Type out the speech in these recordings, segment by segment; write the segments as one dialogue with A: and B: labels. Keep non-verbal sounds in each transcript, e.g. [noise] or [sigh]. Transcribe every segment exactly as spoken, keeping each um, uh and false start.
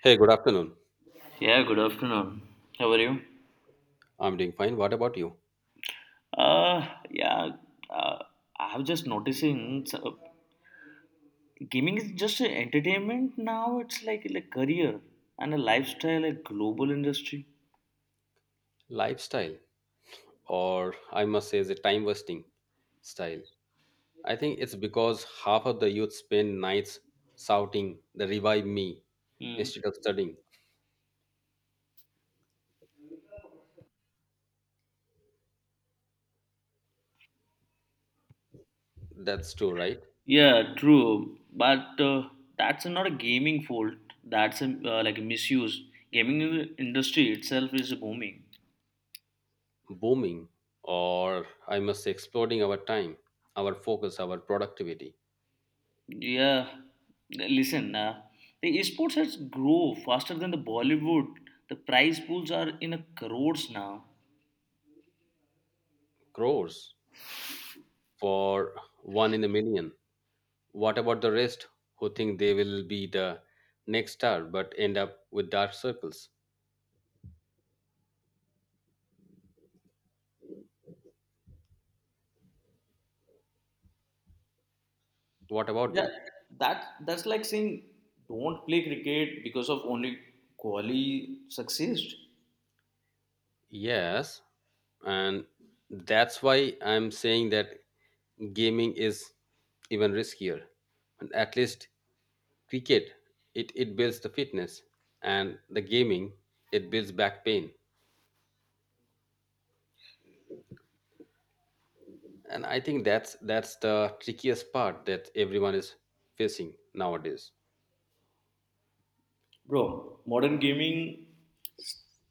A: Hey, good afternoon.
B: Yeah, good afternoon. How are you?
A: I'm doing fine. What about you?
B: Uh, yeah, uh, I have just noticing so gaming is just an entertainment now. It's like a career and a lifestyle, a global industry.
A: Lifestyle, or I must say, is a time wasting style. I think it's because half of the youth spend nights shouting the revive me
B: Hmm.
A: instead of studying. That's true, right?
B: Yeah, true. But uh, that's not a gaming fault. That's a, uh, like a misuse. Gaming in- industry itself is booming.
A: Booming, or I must say, exploding our time, our focus, our productivity.
B: Yeah, listen. Uh, the esports has grow faster than the Bollywood. The prize pools are in a crores now.
A: Crores for one in a million. What about the rest who think they will be the next star but end up with dark circles? What about
B: Yeah,
A: them?
B: that that's like saying don't play cricket because of only Kohli success.
A: Yes, and that's why I'm saying that gaming is even riskier. And at least cricket, it, it builds the fitness, and the gaming, it builds back pain. And I think that's that's the trickiest part that everyone is facing nowadays.
B: Bro, modern gaming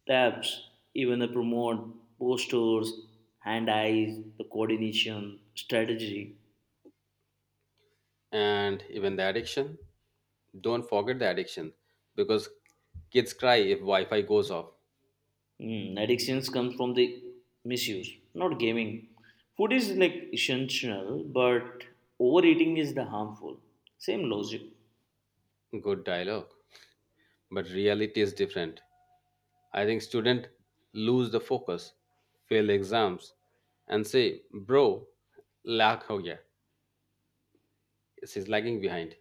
B: tabs, even the promote posters, hand eyes, the coordination, strategy.
A: And even the addiction, don't forget the addiction, because kids cry if Wi-Fi goes off.
B: Mm, addictions comes from the misuse, not gaming. Food is like essential, but overeating is the harmful. Same logic.
A: Good dialogue, but reality is different. I think students lose the focus, fail exams, and say, bro, lag ho gaya. She's lagging behind.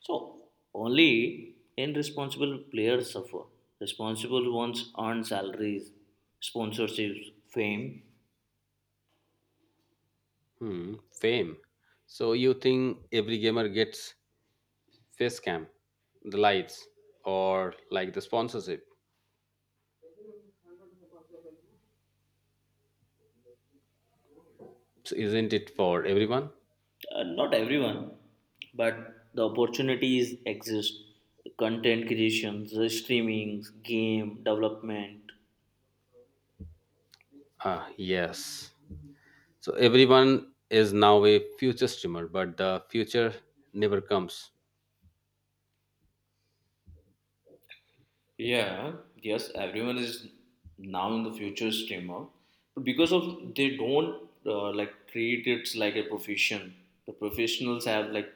B: So only irresponsible players suffer. Responsible ones earn salaries, sponsorships, fame.
A: Hmm, fame. So you think every gamer gets face cam, the lights, or like the sponsorship. So isn't it for everyone?
B: Uh, not everyone, but the opportunities exist. The content creations, the streamings, game development.
A: Ah, yes. So everyone is now a future streamer, but the future never comes.
B: Yeah, yes, everyone is now in the future streamer, but because of they don't uh, like treat it like a profession. The professionals have like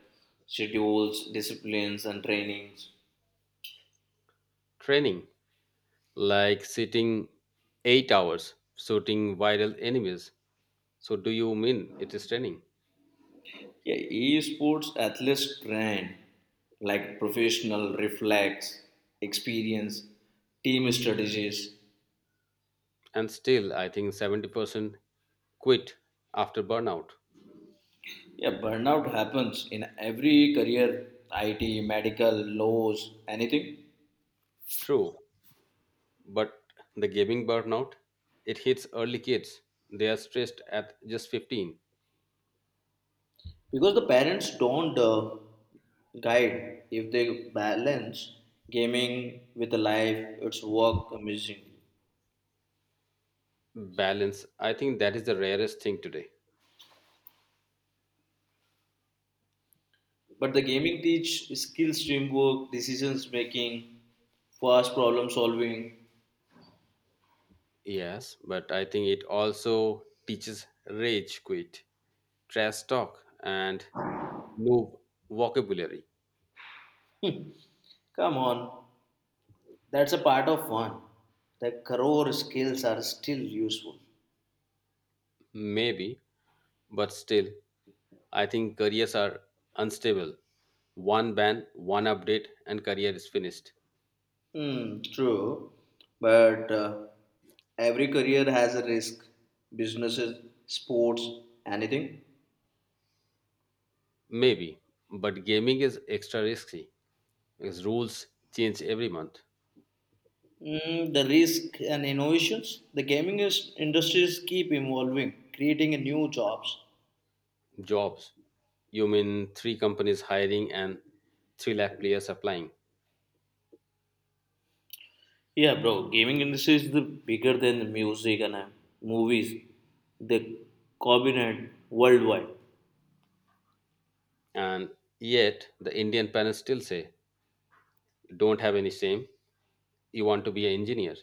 B: schedules, disciplines, and trainings.
A: Training, like sitting eight hours shooting viral enemies. So, do you mean it is training?
B: Yeah, esports athletes train like professional reflex, experience, team strategies.
A: And still, I think seventy percent quit after burnout.
B: Yeah, burnout happens in every career, I T, medical, laws, anything.
A: True, but the gaming burnout, it hits early kids. They are stressed at just fifteen.
B: Because the parents don't uh, guide if they balance gaming with the life, it's work amazingly.
A: Balance, I think that is the rarest thing today.
B: But the gaming teach skills, teamwork, decisions making, fast problem solving.
A: Yes, but I think it also teaches rage quit, trash talk, and no vocabulary.
B: Come on, that's a part of one. The core skills are still useful.
A: Maybe. But still, I think careers are unstable. One ban, one update, and career is finished.
B: Hmm, true. But uh, every career has a risk. Businesses, sports, anything.
A: Maybe, but gaming is extra risky because rules change every month.
B: Mm, the risk and innovations. The gaming is, industries keep evolving, creating a new jobs.
A: Jobs, you mean three companies hiring and 3 lakh players applying.
B: Yeah, bro, gaming industry is the bigger than the music and uh, movies. They dominate worldwide.
A: And yet, the Indian parents still say, don't have any shame, you want to be an engineer.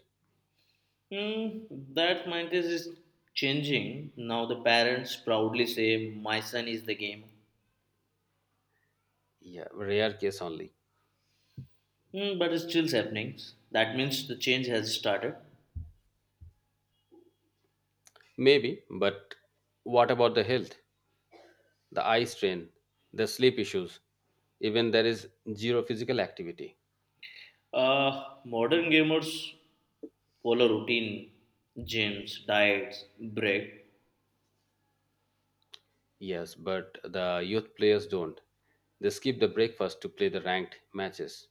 B: Mm, that mindset is changing. Now the parents proudly say, My son is the game.
A: Yeah, rare case only.
B: Mm, but it's still happening. That means the change has started.
A: Maybe, but what about the health? The eye strain, the sleep issues, even there is zero physical activity.
B: Uh, modern gamers follow routine, gyms, diets, break.
A: Yes, but the youth players don't. They skip the breakfast to play the ranked matches.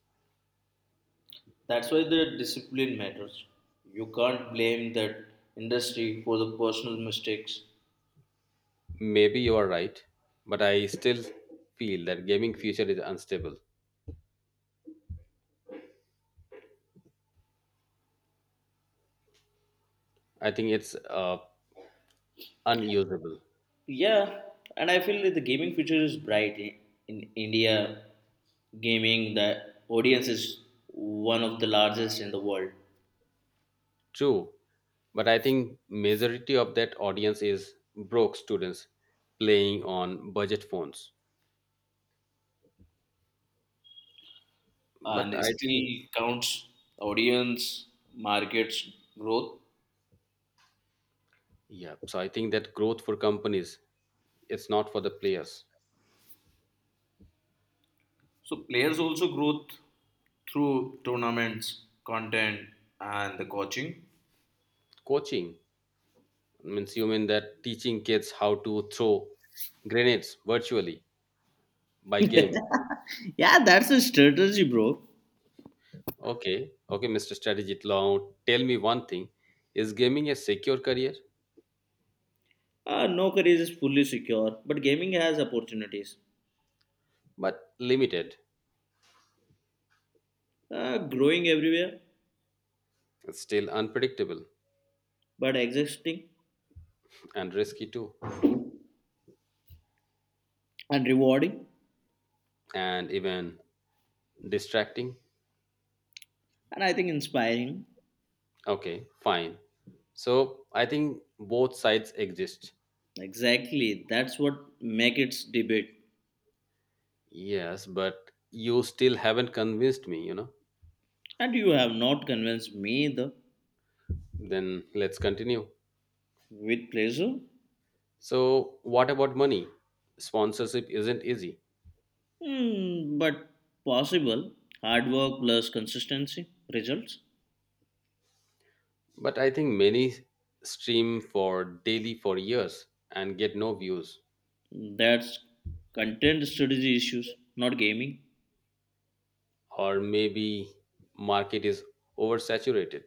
B: That's why the discipline matters. You can't blame that industry for the personal mistakes.
A: Maybe you are right, but I still feel that gaming future is unstable. I think it's uh, unusable.
B: Yeah, and I feel that the gaming future is bright in, in India. Gaming, the audience is one of the largest in the world.
A: True, but I think majority of that audience is broke students playing on budget phones.
B: And
A: But
B: it
A: I
B: still
A: think.
B: counts audience, markets growth.
A: Yeah, so I think that growth for companies, it's not for the players.
B: So players also growth through tournaments, content, and the coaching.
A: Coaching means you mean that teaching kids how to throw grenades virtually by game.
B: Yeah, that's a strategy, bro.
A: Okay, okay, mister Strategy Law, tell me one thing. Is gaming a secure career?
B: Uh, no career is fully secure, but gaming has opportunities.
A: But limited.
B: Uh, growing everywhere,
A: It's still unpredictable
B: but existing
A: and risky too.
B: and rewarding.
A: And even distracting.
B: And I think inspiring.
A: Okay, fine. So I think both sides exist.
B: Exactly, that's what makes its debate.
A: Yes, but you still haven't convinced me, you know.
B: And you have not convinced me either.
A: Then let's continue.
B: With pleasure.
A: So, what about money? Sponsorship isn't easy,
B: Hmm, but possible hard work plus consistency results.
A: but I think many stream for daily for years and get no views,
B: That's content strategy issues, not gaming.
A: or maybe market is oversaturated.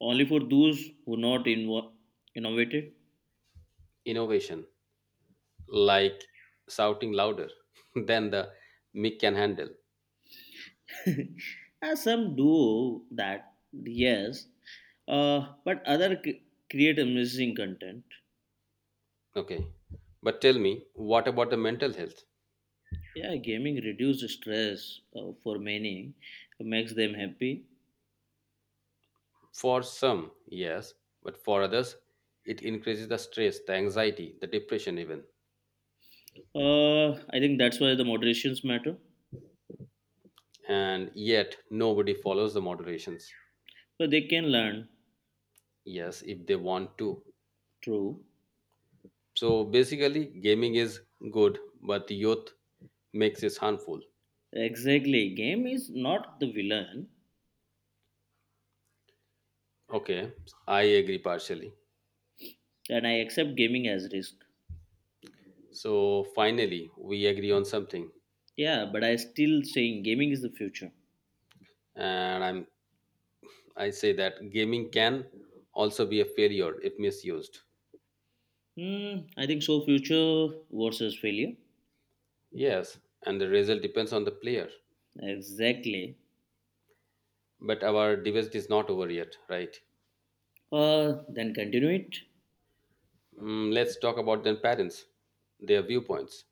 B: Only for those who not invo- innovated.
A: Innovation, like shouting louder [laughs] than the mic can handle.
B: [laughs] As some do that, yes, uh, but other c- create amazing content.
A: Okay. But tell me, what about the mental health?
B: Yeah, gaming reduces stress uh, for many, makes them happy.
A: For some, yes, but for others, it increases the stress, the anxiety, the depression, even.
B: Uh, I think that's why the moderations matter.
A: And yet, nobody follows the moderations.
B: But they can learn.
A: Yes, if they want to.
B: True.
A: So basically, gaming is good, but the youth makes it harmful.
B: Exactly. Game is not the villain,
A: Okay, I agree partially.
B: and I accept gaming as risk.
A: So finally, we agree on something,
B: Yeah, but I still saying gaming is the future.
A: and I'm I say that gaming can also be a failure if misused.
B: Hmm, I think so. Future versus failure.
A: Yes, and the result depends on the player.
B: Exactly.
A: But our debate is not over yet, right?
B: Uh, then continue it.
A: Mm, let's talk about then parents, their viewpoints.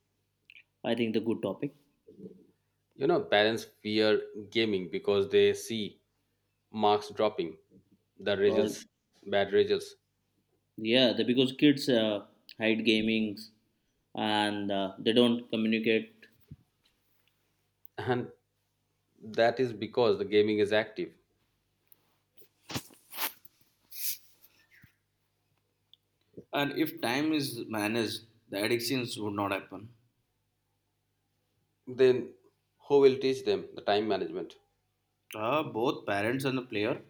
B: I think the good topic.
A: You know, parents fear gaming because they see marks dropping, the
B: Uh,
A: results, bad results,
B: Yeah, the, because kids uh, hide gamings and uh, they don't communicate.
A: and that is because the gaming is active.
B: And if time is managed, the addictions would not happen.
A: Then who will teach them the time management?
B: Uh, both parents and the player.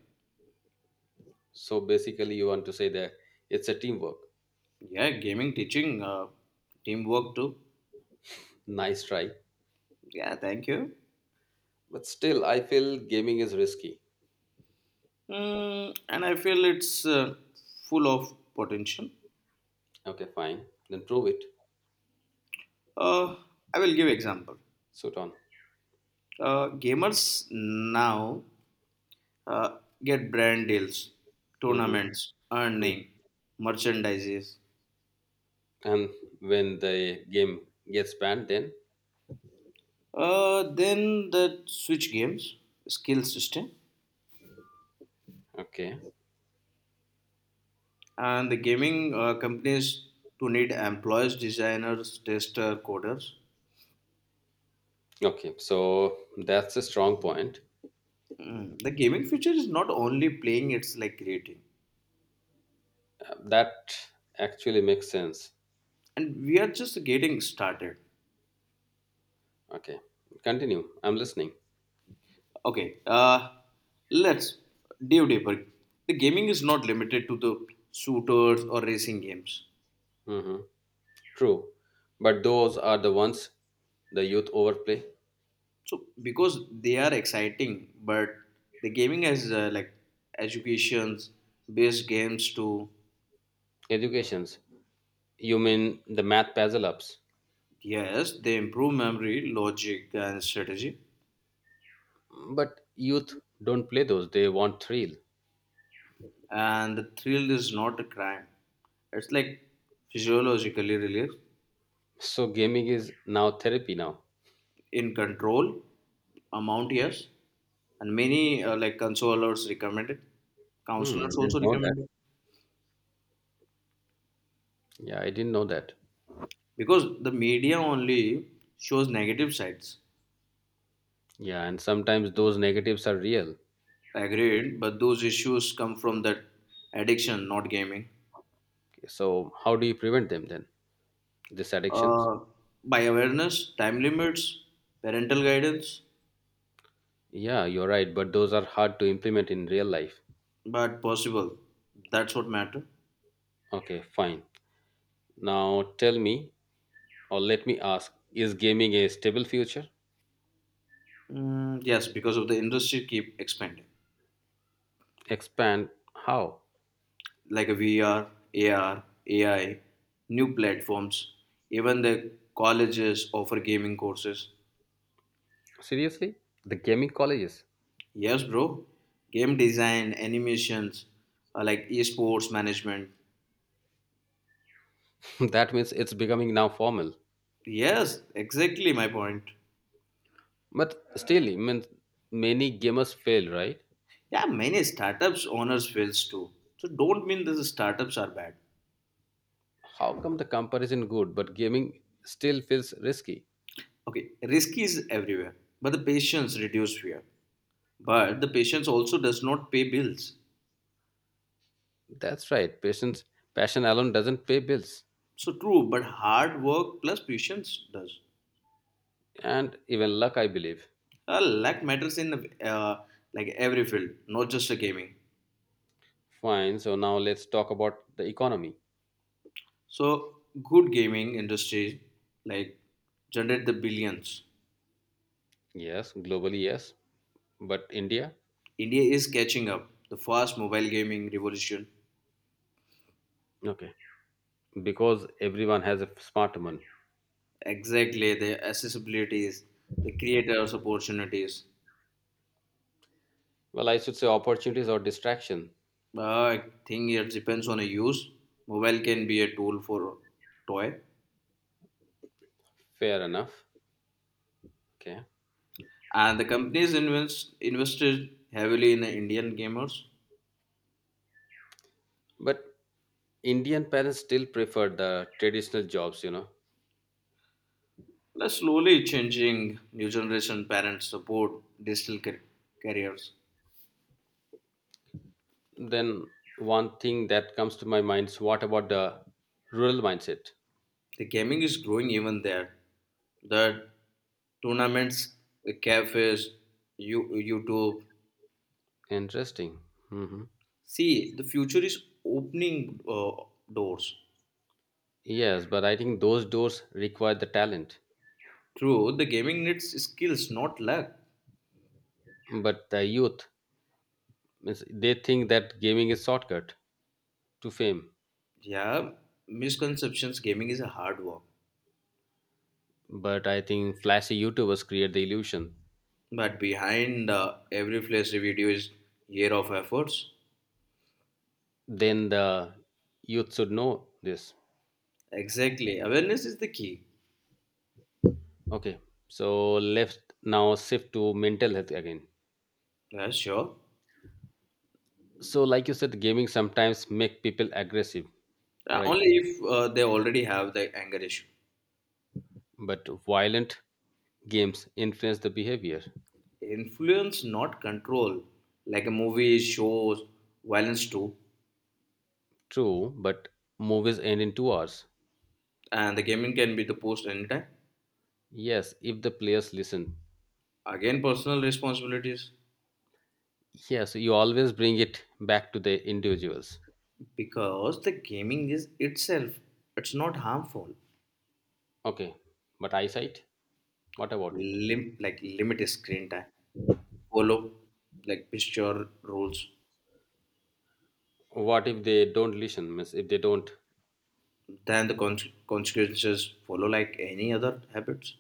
A: So basically, you want to say that it's a teamwork.
B: Yeah, gaming, teaching, uh, teamwork too.
A: Nice try,
B: Yeah, thank you.
A: but still, I feel gaming is risky.
B: Mm, and I feel it's uh, full of potential.
A: Okay, fine, then prove it.
B: Uh, I will give example.
A: Suit on.
B: Uh, gamers now uh, get brand deals,
A: Hmm.
B: tournaments, earning, merchandises.
A: And when the game gets banned then
B: Uh, then the Switch games skill system
A: okay,
B: and the gaming uh, companies to need employees, designers, tester, coders.
A: okay, so that's a strong point,
B: Mm, The gaming future is not only playing; it's like creating,
A: that actually makes sense.
B: and we are just getting started.
A: Okay, continue, I'm listening.
B: Okay, uh, let's dive deeper. The gaming is not limited to the shooters or racing games.
A: Hmm, true, but those are the ones the youth overplay.
B: So because they are exciting, but the gaming has uh, like educations based games too.
A: Educations, you mean the math puzzle ups.
B: Yes, they improve memory, logic, and strategy.
A: But youth don't play those, they want thrill.
B: And the thrill is not a crime. It's like physiologically relief.
A: So gaming is now therapy now?
B: In control, amount yes, and many uh, like consolers recommend it.
A: Hmm,
B: Counselors also
A: didn't know that.
B: recommend it
A: Yeah, I didn't know that.
B: because the media only shows negative sides.
A: Yeah, and sometimes those negatives are real.
B: Agreed, but those issues come from that addiction, not gaming.
A: So, how do you prevent them then? These addictions?
B: Uh, by awareness, time limits, parental guidance,
A: Yeah, you're right, but those are hard to implement in real life.
B: but possible. That's what matter.
A: Okay, fine. Now tell me, or let me ask, is gaming a stable future?
B: Mm, yes, because of the industry keep expanding,
A: Expand how?
B: like a V R, A R, A I, new platforms. Even the colleges offer gaming courses.
A: Seriously? The gaming colleges?
B: Yes, bro. Game design, animations, uh, like esports management.
A: [laughs] That means it's becoming now formal.
B: Yes, exactly my point.
A: But still, I mean, many gamers fail, right?
B: Yeah, many startups owners fails too. So don't mean the startups are bad.
A: How come the comparison good, but gaming still feels risky?
B: Okay, risk is everywhere, but the patience reduce fear. But the patience also does not pay bills.
A: That's right. Patience, passion alone doesn't pay bills,
B: So true, but hard work plus patience does.
A: and even luck, I believe.
B: Uh, luck matters in uh, like every field, not just a gaming.
A: Fine. So now let's talk about the economy.
B: So good gaming industry like generate the billions.
A: Yes, globally, yes. But India?
B: India is catching up. The fast mobile gaming revolution.
A: Okay. Because everyone has a smartphone.
B: Exactly, the accessibilities, the creators' opportunities.
A: Well, I should say opportunities or distraction.
B: Uh, I think it depends on a use. Mobile can be a tool for toy.
A: Fair enough. Okay.
B: And the companies invest, invested heavily in the Indian gamers,
A: But Indian parents still prefer the traditional jobs, you know.
B: plus slowly changing new generation parents support digital car- careers.
A: Then one thing that comes to my mind is what about the rural mindset?
B: The gaming is growing even there. The tournaments, the cafes, you, YouTube.
A: Interesting. Hmm.
B: See, the future is opening uh, doors.
A: Yes, but I think those doors require the talent.
B: True, the gaming needs skills, not luck.
A: But the youth, means they think that gaming is shortcut to fame.
B: Yeah, misconceptions. Gaming is a hard work.
A: But I think flashy YouTubers create the illusion.
B: But behind uh, every flashy video is year of efforts.
A: Then the youth should know this.
B: Exactly. Awareness is the key.
A: Okay, so let's now shift to mental health again.
B: Yeah, sure.
A: So like you said, gaming sometimes make people aggressive.
B: Uh,
A: Right.
B: only if uh, they already have the anger issue.
A: But violent games influence the behavior.
B: Influence, not control. Like a movie, shows, violence too.
A: True, but movies end in 2 hours.
B: And the gaming can be the post anytime.
A: Yes, if the players listen.
B: Again, personal responsibilities.
A: Yes, you always bring it back to the individuals.
B: Because the gaming is itself, it's not harmful.
A: Okay, but eyesight, what about it?
B: Lim- like limit screen time. Follow like picture rules.
A: What if they don't listen? Means if they don't
B: Then the conse- consequences follow like any other habits.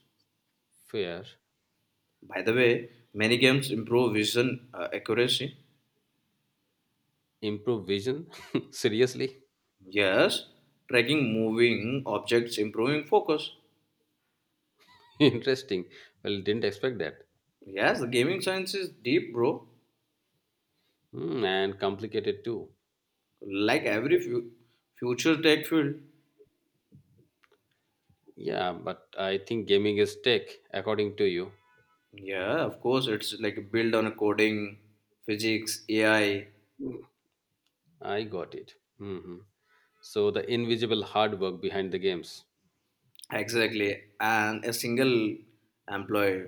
A: fear,
B: By the way, many games improve vision uh, accuracy.
A: improve vision? [laughs] Seriously?
B: Yes, tracking moving objects, improving focus.
A: [laughs] Interesting. Well, didn't expect that.
B: Yes, the gaming science is deep, bro.
A: Hmm, and complicated too.
B: Like every fu- future tech field.
A: Yeah, but I think gaming is tech, according to you.
B: Yeah, of course, it's like built on coding, physics, A I,
A: I got it. Hmm. So the invisible hard work behind the games.
B: exactly, and a single employee.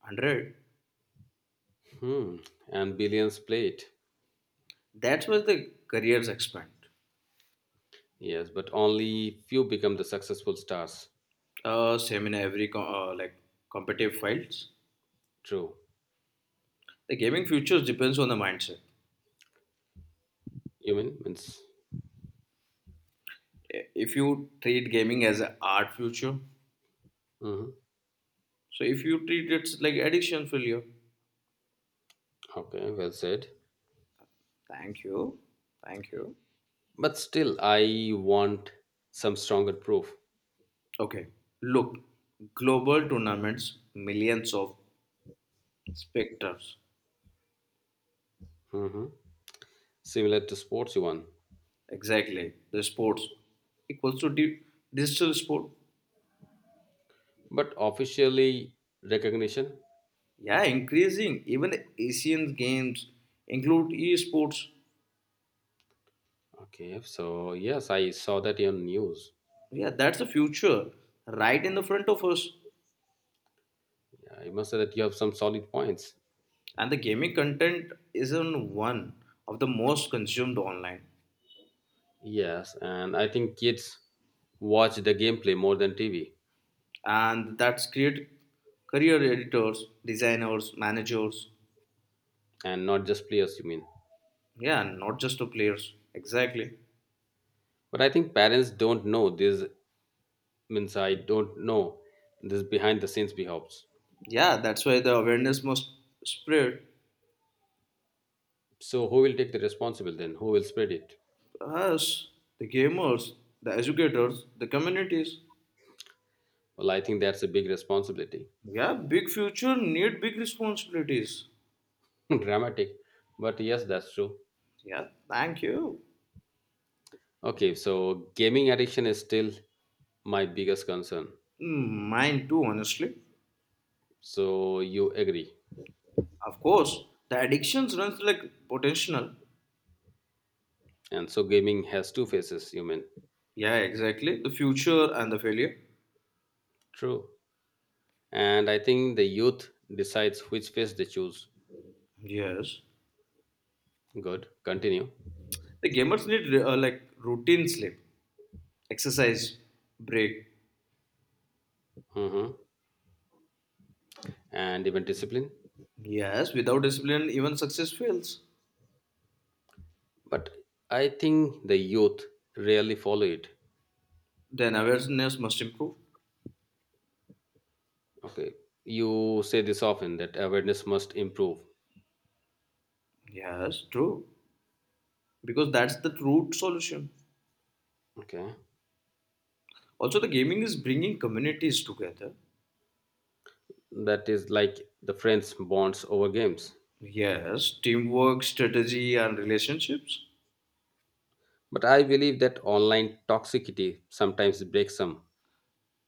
B: Hundred.
A: Hmm. And billions play it.
B: That's where the careers expand.
A: Yes, but only few become the successful stars.
B: Uh, same in every co- uh, like competitive fields.
A: True.
B: The gaming future depends on the mindset.
A: You mean? Means.
B: I- If you treat gaming as an art future,
A: Hmm.
B: so if you treat it like addiction failure.
A: Okay, well said.
B: Thank you, thank you.
A: But still, I want some stronger proof.
B: Okay, look, global tournaments, millions of spectators.
A: Mhm. Similar to sports one.
B: Exactly, the sports equals to di- digital sport.
A: But officially recognition?
B: Yeah, increasing. Even Asian games include esports.
A: Okay, so yes, I saw that on news.
B: Yeah, that's the future right in the front of us.
A: Yeah, I must say that you have some solid points.
B: And the gaming content isn't one of the most consumed online.
A: Yes, and I think kids watch the gameplay more than T V,
B: And that's create career editors, designers, managers.
A: and not just players, you mean.
B: Yeah, not just the players. Exactly.
A: But I think parents don't know this, means I don't know this behind the scenes behaves.
B: Yeah, that's why the awareness must spread.
A: So who will take the responsibility then? Who will spread it?
B: Us, the gamers, the educators, the communities.
A: Well, I think that's a big responsibility.
B: Yeah, big future need big responsibilities.
A: [laughs] Dramatic. But yes, that's true.
B: Yeah, thank you.
A: Okay, so gaming addiction is still my biggest concern.
B: Mm, Mine too, honestly.
A: So you agree.
B: Of course, the addictions runs like potential.
A: And so gaming has two faces, you mean?
B: Yeah, exactly. The future and the failure.
A: True. And I think the youth decides which face they choose.
B: Yes.
A: Good. Continue.
B: The gamers need uh, like routine sleep, exercise, break.
A: Mm-hmm. And even discipline.
B: Yes, without discipline, even success fails.
A: But I think the youth rarely follow it.
B: Then awareness must improve.
A: Okay. You say this often that awareness must improve.
B: Yes, true. Because that's the root solution.
A: Okay.
B: Also, the gaming is bringing communities together.
A: That is like the friends bonds over games.
B: Yes, teamwork, strategy, and relationships.
A: But I believe that online toxicity sometimes breaks some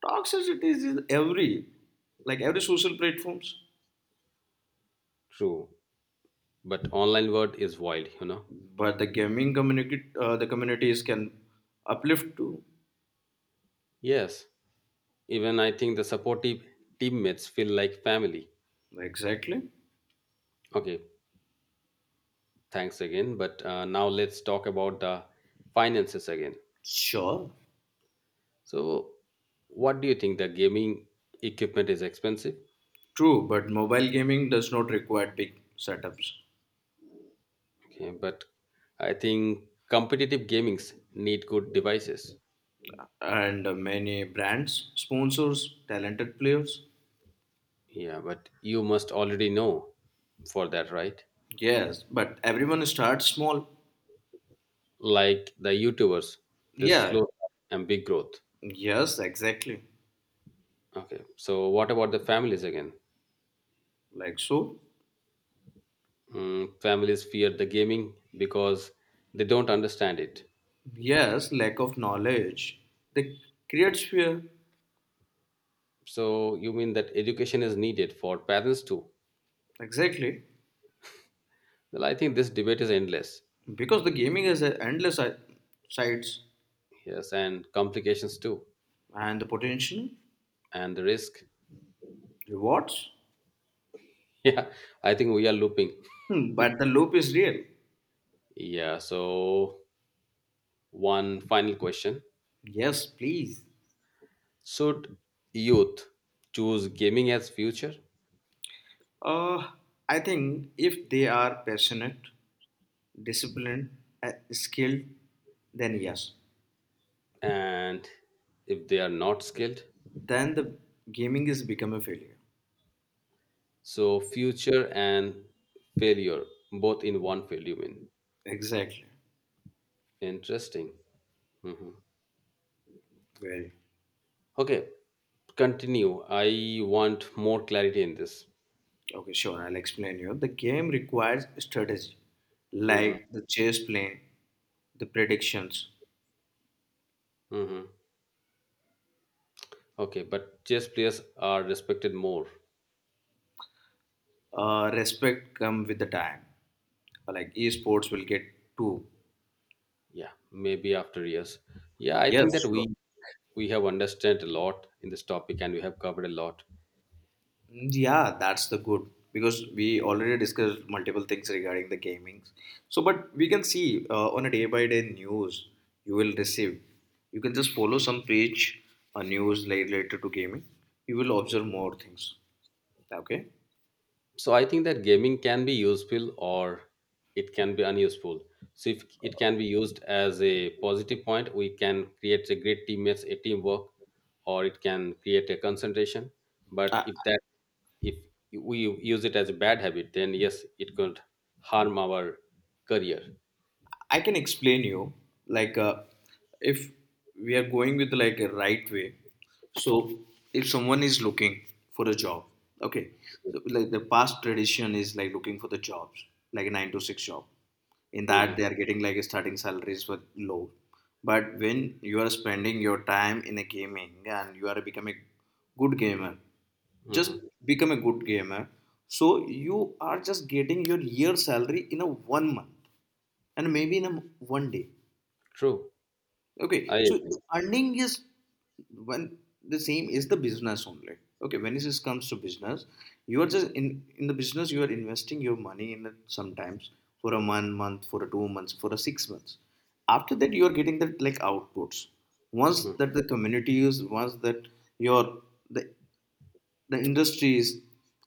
B: Toxicity is in every, like every social platforms.
A: true. But online world is wild, you know.
B: But the gaming community uh, the communities can uplift too.
A: Yes, even I think the supportive teammates feel like family.
B: Exactly.
A: Okay, thanks again. But uh, now let's talk about the finances again.
B: Sure.
A: So, what do you think? The gaming equipment is expensive.
B: True, but mobile gaming does not require big setups.
A: Okay, but I think competitive gamings need good devices.
B: And many brands sponsors talented players.
A: Yeah, but you must already know for that, right?
B: Yes, but everyone starts small.
A: Like the YouTubers, this
B: Yeah,
A: slow and big growth.
B: yes, exactly.
A: Okay, so what about the families again?
B: Like so.
A: Mm, families fear the gaming because they don't understand it.
B: Yes, lack of knowledge, they creates fear.
A: So you mean that education is needed for parents too?
B: Exactly,
A: Well, I think this debate is endless.
B: because the gaming has a endless si- sites
A: Yes, and complications too,
B: and the potential
A: and the risk. [laughs]
B: rewards.
A: Yeah, I think we are looping.
B: Hmm, but the loop is real.
A: Yeah, so one final question:
B: Yes, please.
A: should youth choose gaming as future?
B: Uh, I think if they are passionate, disciplined, uh, skilled, then yes.
A: And if they are not skilled,
B: Then the gaming is become a failure.
A: so future and failure both in one value in
B: Exactly.
A: interesting. Mhm.
B: Very.
A: Okay, continue, I want more clarity in this.
B: Okay, sure. I'll explain you. The game requires strategy,
A: Mhm.
B: like the chess playing, the predictions.
A: Mhm. Okay, but chess players are respected more.
B: Uh, respect come with the time. Like esports will get two.
A: Yeah, maybe after years. Yeah, I
B: Yes,
A: think that we
B: sure.
A: we have understood a lot in this topic and we have covered a lot.
B: Yeah, that's the good because we already discussed multiple things regarding the gaming. So, but we can see uh, on a day by day news you will receive. You can just follow some page or news like related to gaming. You will observe more things. Okay,
A: So I think that gaming can be useful or it can be unuseful. So if it can be used as a positive point, we can create a great teammates, a teamwork, or it can create a concentration. But
B: I,
A: if that, if we use it as a bad habit, then yes, it could harm our career.
B: I can explain you like uh, if we are going with like a right way. So if someone is looking for a job, okay, so like the past tradition is like looking for the jobs like a nine to six job. In
A: Hmm.
B: that they are getting like starting salaries were low. But when you are spending your time in a gaming and you are becoming a good gamer, just
A: Hmm,
B: become a good gamer, so you are just getting your year salary in a one month and maybe in a m- one day.
A: true.
B: Okay,
A: I
B: so
A: agree.
B: the earning is when the same is the business only. Okay, when it comes to business, you are just in in the business. You are investing your money in it sometimes for a one month, for a two months, for a six months. After that, you are getting that like outputs. Once that the community is, once that your, the the industries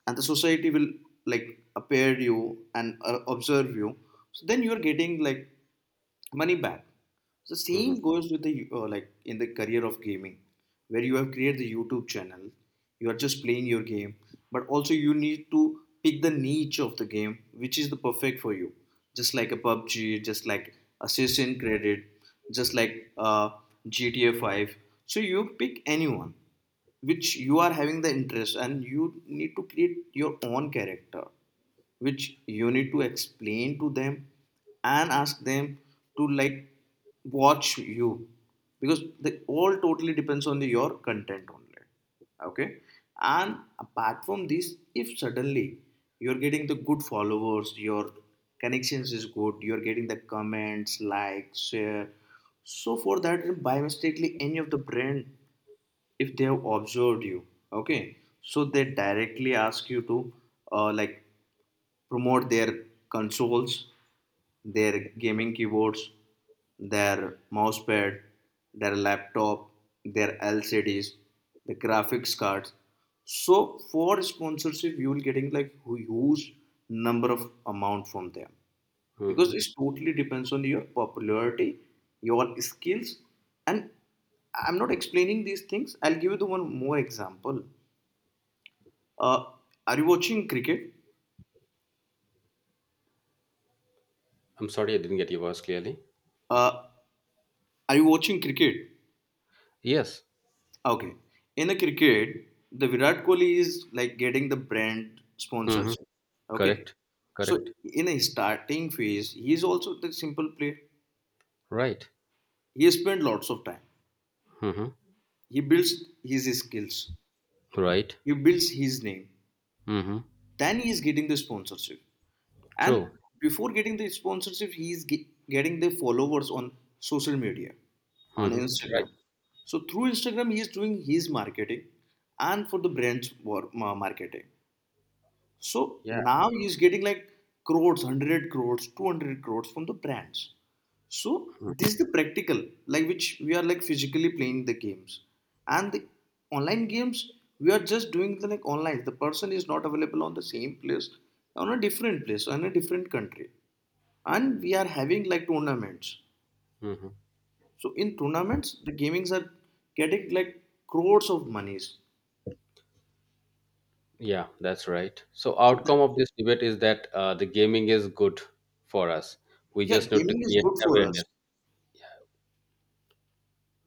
B: and the society will like appear you and uh, observe you, so then you are getting like money back. The same
A: Hmm.
B: goes with the uh, like in the career of gaming, where you have created the youtube channel. You are just playing your game, but also you need to pick the niche of the game which is the perfect for you, just like a pubg, just like assassin credit, just like uh, G T A five. So you pick anyone which you are having the interest, and you need to create your own character, which you need to explain to them and ask them to like watch you, because they all totally depends on the, your content only. Okay, and apart from this, if suddenly you're getting the good followers, your connections is good, you're getting the comments, likes, share. So for that, by mistakenly, any of the brand, if they have observed you, okay, so they directly ask you to uh, like promote their consoles, their gaming keyboards, their mouse pad, their laptop, their L C Ds, the graphics cards. So for sponsorship, you will getting like huge number of amount from them,
A: Hmm,
B: because it totally depends on your popularity, your skills. And I'm not explaining these things, I'll give you the one more example. uh, are you watching cricket?
A: I'm sorry, I didn't get your voice clearly.
B: uh, are you watching cricket?
A: Yes.
B: Okay, in a cricket, the Virat Kohli is like getting the brand
A: Hmm.
B: sponsorship. Okay,
A: Correct,
B: so
A: correct.
B: in a starting phase, he is also the simple player.
A: Right.
B: He spent lots of time,
A: Hmm.
B: he builds his skills,
A: Right.
B: he builds his name,
A: Hmm.
B: then he is getting the sponsorship. And
A: True.
B: before getting the sponsorship, he's ge- getting the followers on social media, on
A: Hmm. Right.
B: instagram. So through instagram he is doing his marketing, and for the brand's war- ma- marketing. So
A: Yeah.
B: now he is getting like crores, one hundred crores, two hundred crores from the brands. So this is the practical, like which we are like physically playing the games. And the online games, we are just doing the like online. The person is not available on the same place, on a different place, on a different country. And we are having like tournaments.
A: Mm-hmm.
B: So in tournaments, the gamings are getting like crores of monies.
A: Yeah, that's right. So
B: So that,
A: outcome of this debate is that uh, the gaming is good for us. We
B: yeah,
A: just need to
B: gaming is
A: create
B: good for us.
A: awareness.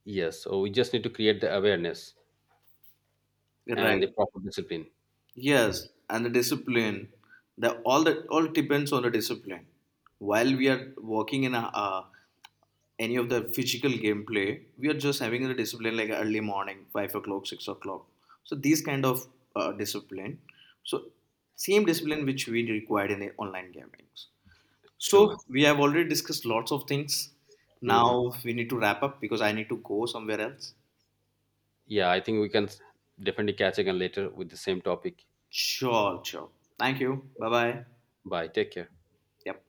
A: Yes. So we just need to create the awareness and
B: Right.
A: the proper discipline.
B: Yes, and the discipline. The all that all depends on the discipline. While we are working in a, uh, any of the physical gameplay, we are just having the discipline like early morning, five o'clock, six o'clock. So these kind of uh, discipline. So same discipline which we required in the online gamings.
A: True.
B: So we have already discussed lots of things.
A: Hmm.
B: Now we need to wrap up because I need to go somewhere else.
A: Yeah, I think we can s- definitely catch again later with the same topic.
B: Sure, sure. Thank you. Bye bye.
A: Bye. Take care.
B: Yep.